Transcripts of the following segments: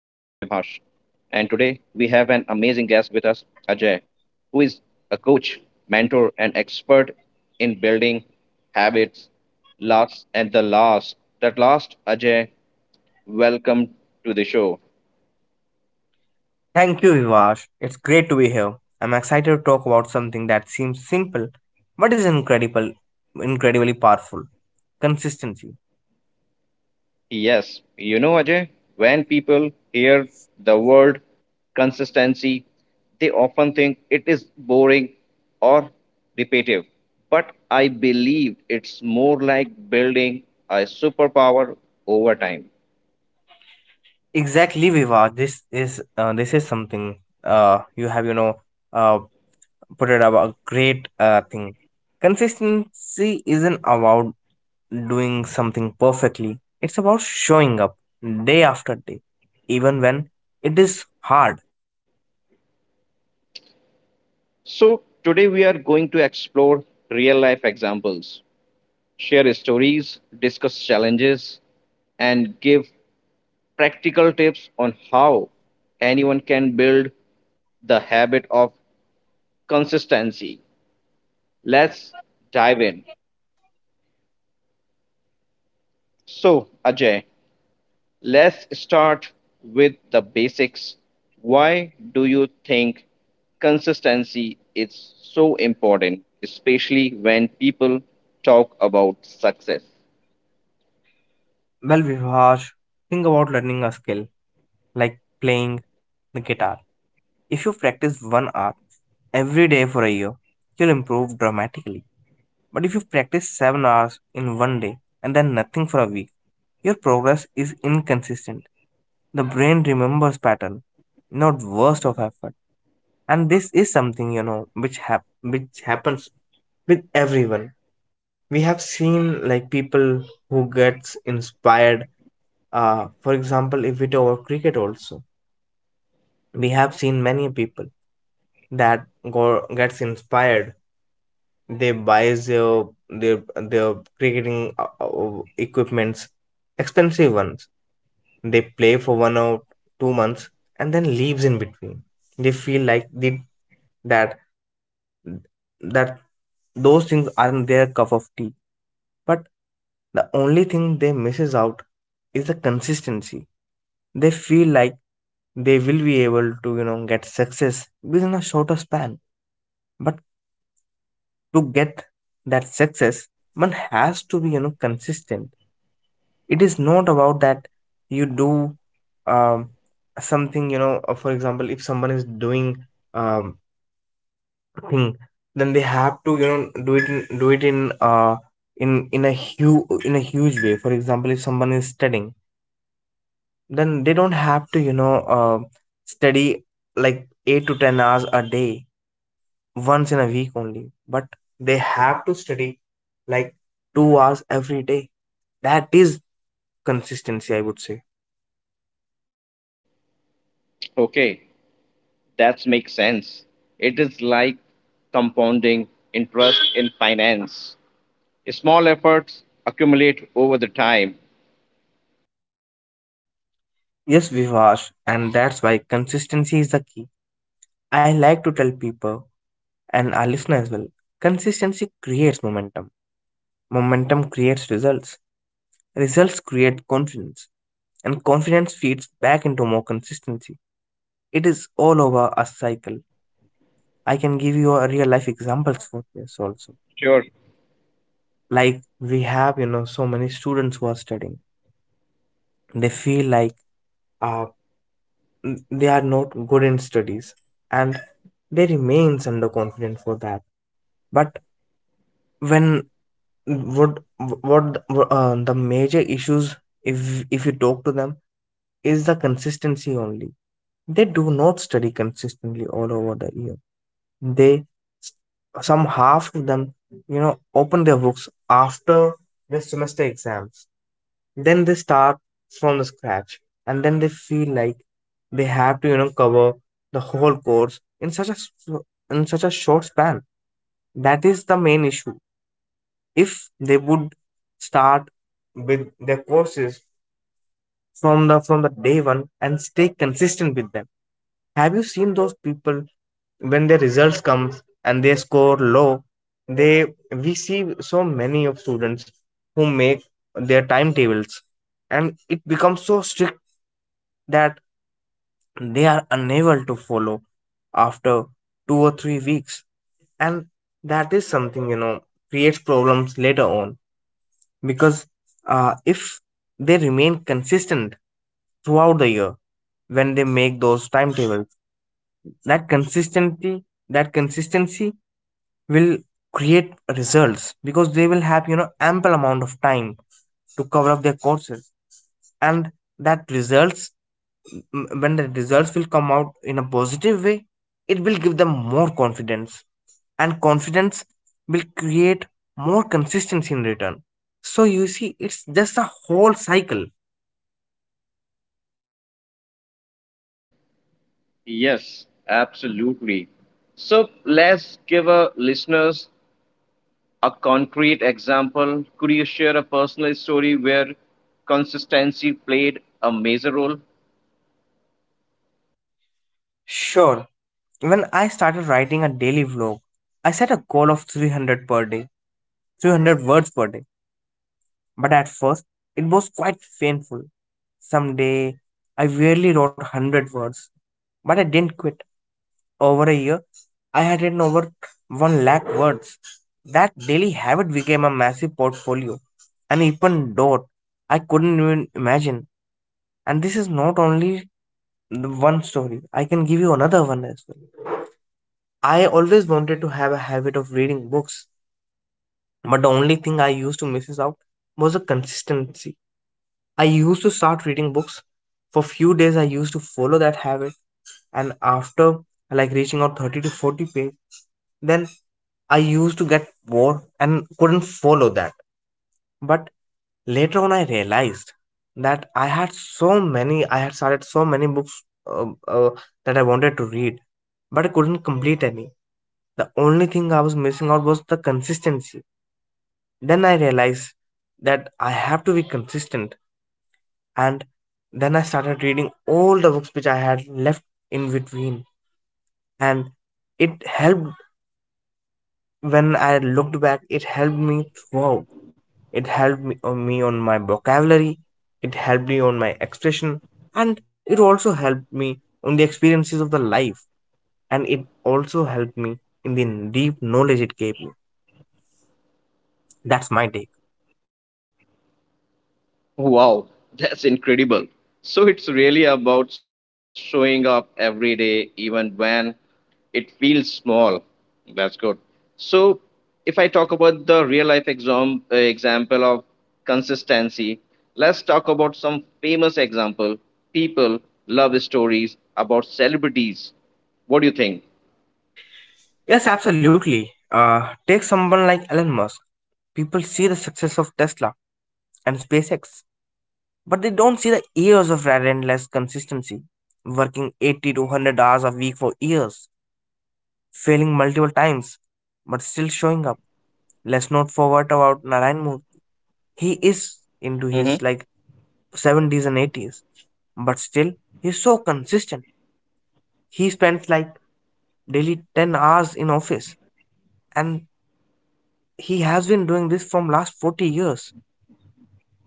an amazing guest with us, Ajay, who is a coach, mentor, and expert in building habits. Last and the last, that last, Ajay, welcome to the show. Thank you, Vivash. It's great to be here. I'm excited to talk about something that seems simple but is incredibly powerful. Consistency. Yes, Ajay, when people hear the word consistency, they often think it is boring or repetitive. But I believe it's more like building a superpower over time. Exactly, Vivash. This is something, you have, uh, put it about great, thing. Consistency isn't about doing something perfectly. It's about showing up day after day, even when it is hard. So, today we are going to explore real life examples, share stories, discuss challenges, and give practical tips on how anyone can build the habit of consistency. Let's dive in. So, Ajay, let's start with the basics. Why do you think consistency is so important, especially when people talk about success? Well, Vivash, think about learning a skill like playing the guitar. If you practice one hour every day for a year, you'll improve dramatically. But if you practice 7 hours in one day and then nothing for a week, your progress is inconsistent. The brain remembers pattern, not worst of effort. And this is something, which happens with everyone. We have seen like people who gets inspired. For example, if we talk about cricket also, we have seen many people that go, gets inspired, they buys their cricketing, equipments, expensive ones. They play for 1 or 2 months and then leaves in between. They feel like they that that those things aren't their cup of tea, but the only thing they misses out is the consistency. They feel like they will be able to get success within a shorter span, but to get that success one has to be consistent. It is not about that you do, um, something, for example, if someone is doing, um, thing, then they have to do it in in in a huge way. For example, if someone is studying, then they don't have to study like 8 to 10 hours a day once in a week only, but they have to study like 2 hours every day. That is consistency, I would say. Okay, that makes sense. It is like compounding interest in finance. Small efforts accumulate over the time. Yes, Vivash, and that's why consistency is the key. I like to tell people and our listeners as well, consistency creates momentum, momentum creates results, results create confidence, and confidence feeds back into more consistency. It is all over a cycle. I can give you a real life examples for this also. Sure. Like we have so many students who are studying. They feel like, uh, they are not good in studies, and they remains underconfident for that. But when, what what the major issues, if you talk to them, is the consistency only. They do not study consistently all over the year. They, some half of them, open their books after the semester exams. Then they start from the scratch, and then they feel like they have to cover the whole course in such a short span. That is the main issue. If they would start with their courses from the day one and stay consistent with them. Have you seen those people when their results comes and they score low? They We see so many of students who make their timetables, and it becomes so strict that they are unable to follow after 2 or 3 weeks. And that is something, creates problems later on because, if they remain consistent throughout the year when they make those timetables, that consistency will create results, because they will have ample amount of time to cover up their courses. And that results when the results will come out in a positive way, it will give them more confidence, and confidence will create more consistency in return. So you see, it's just a whole cycle. Yes, absolutely. So let's give our listeners a concrete example. Could you share a personal story where consistency played a major role? Sure. When I started writing a daily vlog, I set a goal of 300 per day, 300 words per day. But at first, it was quite painful. Some day I rarely wrote 100 words, but I didn't quit. Over a year, I had written over 1 lakh words. That daily habit became a massive portfolio, an open door I couldn't even imagine. And this is not only the one story, I can give you another one as well. I always wanted to have a habit of reading books, but the only thing I used to miss out was the consistency. I used to start reading books. For few days, I used to follow that habit, and after like reaching out 30 to 40 page, then I used to get bored and couldn't follow that. But later on, I realized that I had so many, I had started so many books, uh, uh, that I wanted to read, but I couldn't complete any. The only thing I was missing out was the consistency. Then I realized that I have to be consistent, and then I started reading all the books which I had left in between. And it helped. When I looked back, it helped me throughout. It helped me on my vocabulary. It helped me on my expression. And it also helped me on the experiences of the life. And it also helped me in the deep knowledge it gave me. That's my take. Wow, that's incredible. So it's really about showing up every day, even when it feels small. That's good. So if I talk about the real life example of consistency, let's talk about some famous example, people, love stories about celebrities. What do you think? Yes, absolutely. uh, Take someone like Elon Musk. People see the success of Tesla and SpaceX, but they don't see the years of relentless consistency, working 80 to 100 hours a week for years, failing multiple times, but still showing up. Let's not forget about Narayan Murthy. He is into his Mm-hmm. like 70s and 80s, but still he's so consistent. He spends like daily 10 hours in office, and he has been doing this from last 40 years.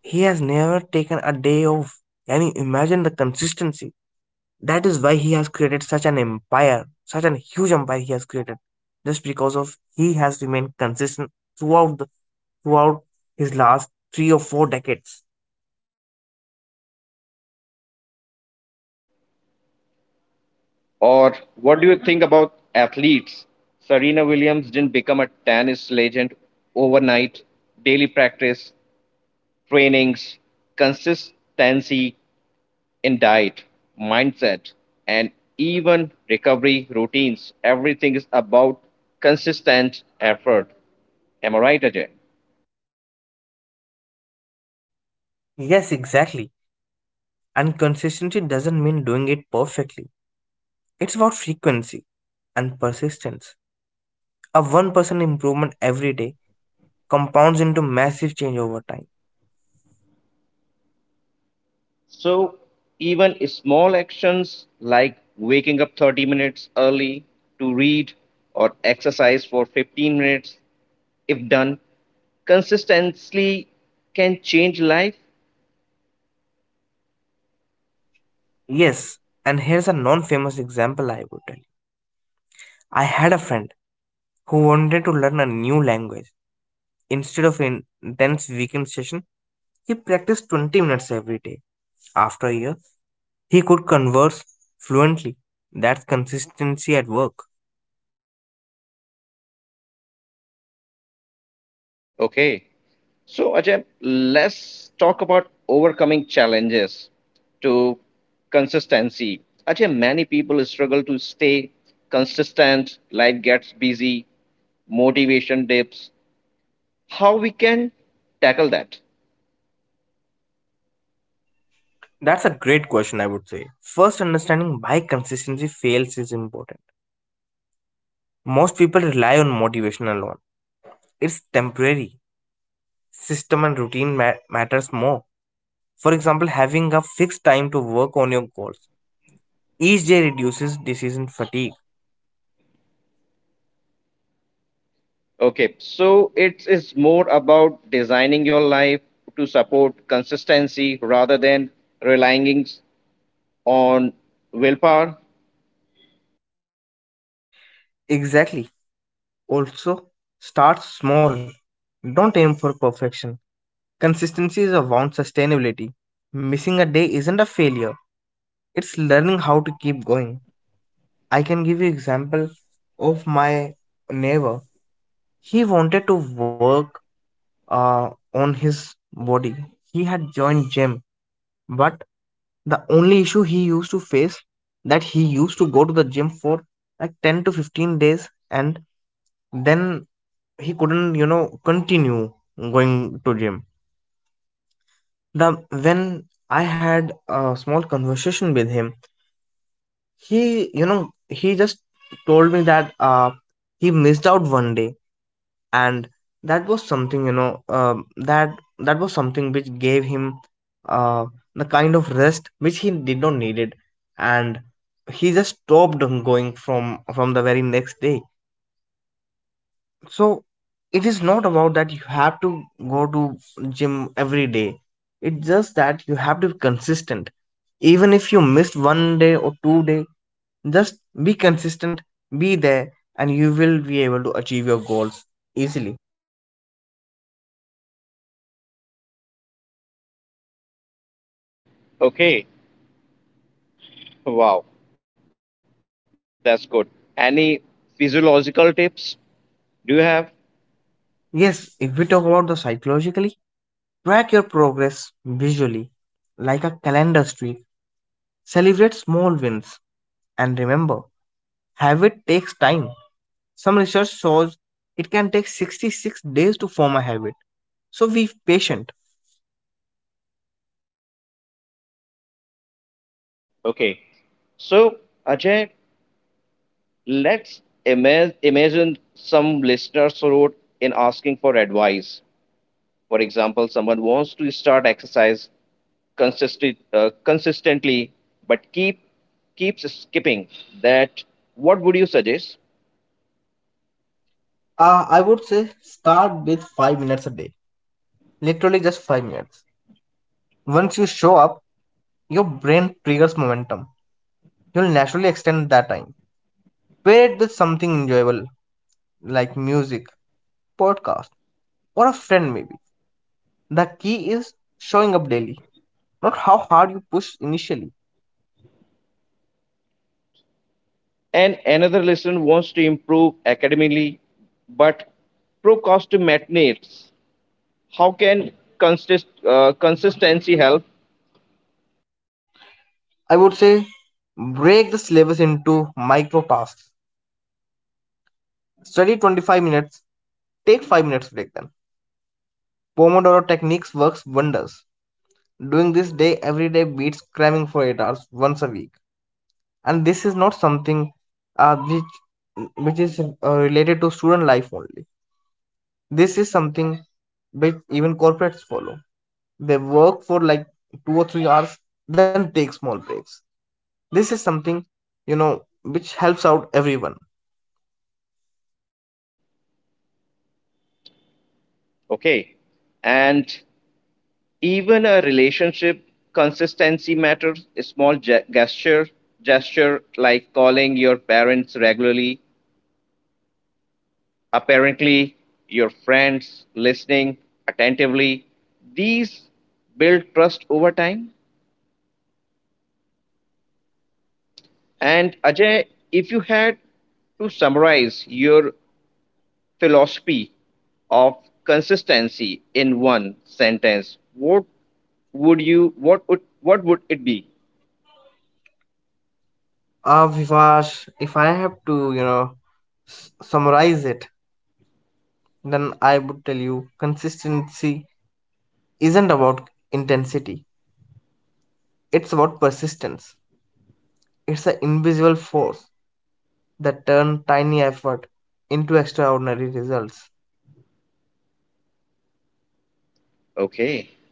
He has never taken a day off. Can you imagine the consistency? That is why he has created such an empire, such an huge empire he has created, just because of he has remained consistent throughout the, throughout his last 3 or 4 decades. Or what do you think about athletes? Serena Williams didn't become a tennis legend overnight. Daily practice, trainings, consistency in diet, mindset, and even recovery routines. Everything is about consistent effort. Am I right, Ajay? Yes, exactly. And consistency doesn't mean doing it perfectly. It's about frequency and persistence. A 1% improvement every day compounds into massive change over time. So, even small actions like waking up 30 minutes early to read or exercise for 15 minutes if done consistently, can change life. Yes, and here's a non famous example I would tell. I had a friend who wanted to learn a new language. Instead of an intense weekend session, he practiced 20 minutes every day. After a year, he could converse fluently. That's consistency at work. Okay. So, Ajay, let's talk about overcoming challenges to consistency. Ajay, many people struggle to stay consistent, life gets busy, motivation dips. How we can tackle that? That's a great question, I would say. First, understanding why consistency fails is important. Most people rely on motivation alone. It's temporary. System and routine matters more. For example, having a fixed time to work on your goals each day reduces decision fatigue. Okay, so it is more about designing your life to support consistency rather than relying on willpower? Exactly. Also, start small. Don't aim for perfection. Consistency is about sustainability. Missing a day isn't a failure. It's learning how to keep going. I can give you example of my neighbor. He wanted to work, uh, on his body. He had joined gym, but the only issue he used to face that he used to go to the gym for like 10 to 15 days, and then he couldn't continue going to gym. The When I had a small conversation with him, he you know he just told me that, he missed out one day, and that was something, um that that was something which gave him, uh the kind of rest which he did not needed, and he just stopped on going from the very next day. So it is not about that you have to go to gym every day. It's just that you have to be consistent. Even if you missed one day or 2 day, just be consistent, be there, and you will be able to achieve your goals easily. Okay, wow, that's good. Any physiological tips do you have? Yes, if we talk about the psychologically, track your progress visually like a calendar streak, celebrate small wins, and remember habit takes time. Some research shows it can take 66 days to form a habit, so be patient. Okay, so Ajay, imagine some listeners wrote in asking for advice. For example, someone wants to start exercise consistently, but keeps skipping. That what would you suggest? I would say start with 5 minutes a day, literally just 5 minutes. Once you show up, your brain triggers momentum. You'll naturally extend that time. Pair it with something enjoyable like music, podcast, or a friend maybe. The key is showing up daily, not how hard you push initially. And another listener wants to improve academically but procrastinates. How can consistency help? I would say break the syllabus into micro tasks. Study 25 minutes, take 5 minutes to break them. Pomodoro techniques works wonders. Doing this day every day beats cramming for 8 hours once a week. And this is not something, which is related to student life only. This is something which even corporates follow. They work for like 2 or 3 hours, then take small breaks. This is something, you know which helps out everyone. Okay, and even a relationship consistency matters. A small gesture like calling your parents regularly, apparently your friends, listening attentively. These build trust over time. And Ajay, if you had to summarize your philosophy of consistency in one sentence, what would you what would it be? Vivash, if I have to summarize it, then I would tell you, consistency isn't about intensity, it's about persistence. It's an invisible force that turn tiny effort into extraordinary results. Okay.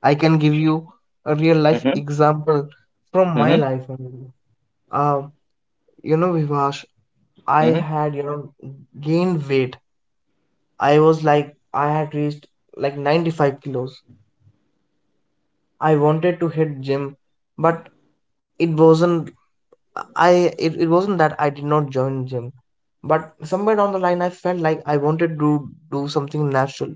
I can give you a real life Mm-hmm. example from my Mm-hmm. life only. Um, Vivash, I Mm-hmm. had, gained weight. I was like, I had reached like 95 kilos. I wanted to hit gym, but it wasn't, it wasn't that I did not join gym. But somewhere down the line, I felt like I wanted to do something natural.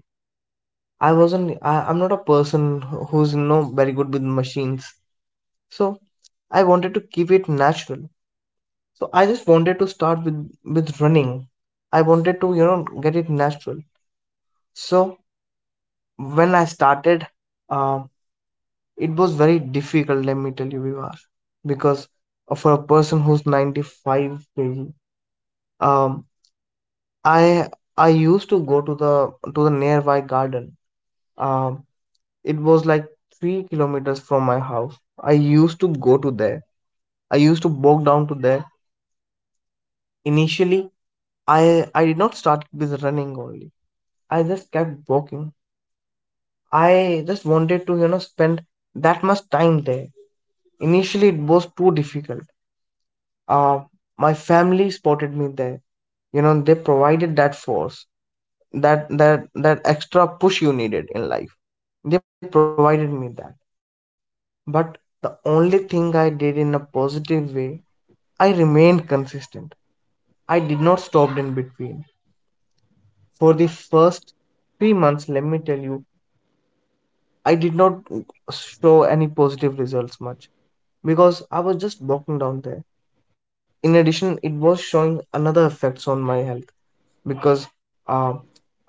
I wasn't. I'm not a person who's no very good with machines, so I wanted to keep it natural. So I just wanted to start with running. I wanted to get it natural. So when I started, uh, it was very difficult. Let me tell you, Vivar, because for a person who's 95 maybe, um, I I used to go to the nearby garden. Um, It was like 3 kilometers from my house. I used to go to there. I used to walk down to there. Initially, I did not start with running only. I just kept walking. I just wanted to spend that much time there. Initially, it was too difficult. Uh, my family spotted me there. They provided that force, that extra push you needed in life. They provided me that. But the only thing I did in a positive way, I remained consistent. I did not stop in between. For the first 3 months, let me tell you, I did not show any positive results much, because I was just walking down there. In addition, it was showing another effects on my health, because, uh,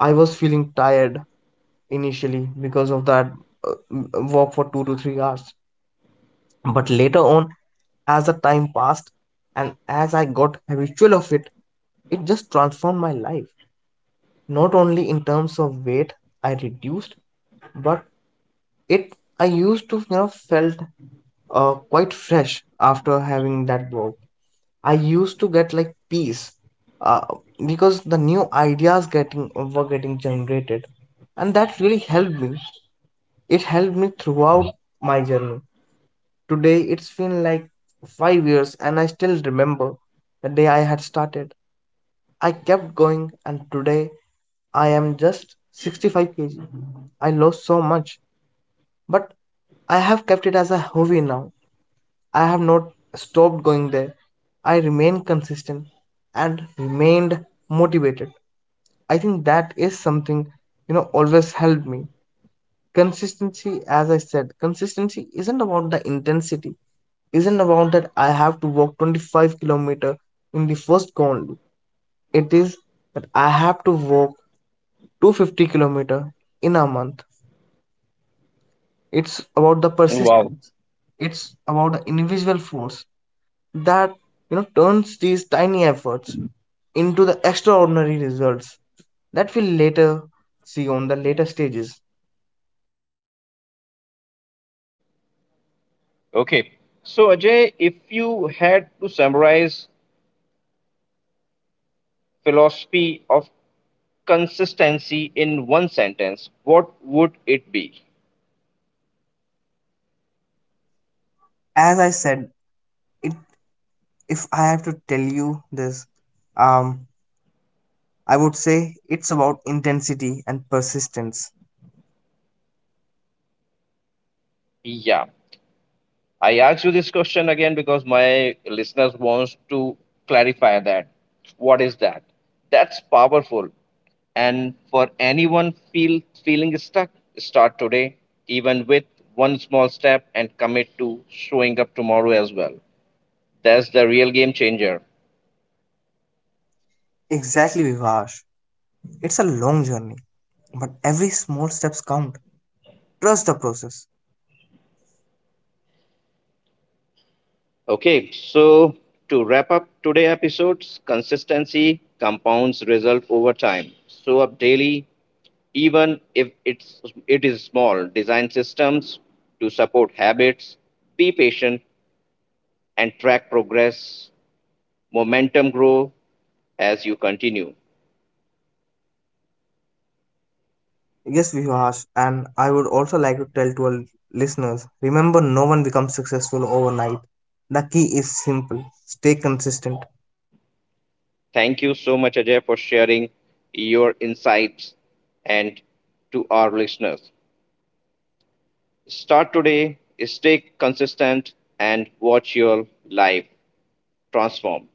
I was feeling tired initially because of that, uh, walk for 2 to 3 hours. But later on, as the time passed and as I got habitual of it, it just transformed my life. Not only in terms of weight I reduced, but it I used to felt, quite fresh after having that walk. I used to get like peace, uh, because the new ideas getting were getting generated, and that really helped me. It helped me throughout my journey. Today it's been like 5 years, and I still remember the day I had started. I kept going, and today I am just 65 kg. I lost so much, but I have kept it as a hobby now. I have not stopped going there. I remain consistent and remained motivated. I think that is something, always helped me. Consistency, as I said, consistency isn't about the intensity, isn't about that I have to walk 25 kilometer in the first colony. It is that I have to walk 250 kilometer in a month. It's about the Wow. persistence. It's about the individual force that turns these tiny efforts into the extraordinary results that we'll later see on the later stages. Okay. So Ajay, if you had to summarize philosophy of consistency in one sentence, what would it be? As I said, it, if I have to tell you this, um, I would say it's about intensity and persistence. Yeah. I asked you this question again because my listeners wants to clarify that. What is that? That's powerful. And for anyone feeling stuck, start today, even with one small step and commit to showing up tomorrow as well. That's the real game changer. Exactly, Vivash. It's a long journey, but every small steps count. Trust the process. Okay, so to wrap up today's episodes, consistency compounds result over time. Show up daily, even if it is small, design systems to support habits, be patient, and track progress. Momentum grow as you continue. Yes, Vivash, and I would also like to tell to our listeners, remember no one becomes successful overnight. The key is simple. Stay consistent. Thank you so much, Ajay, for sharing your insights. And to our listeners, start today, stay consistent, and watch your life transform.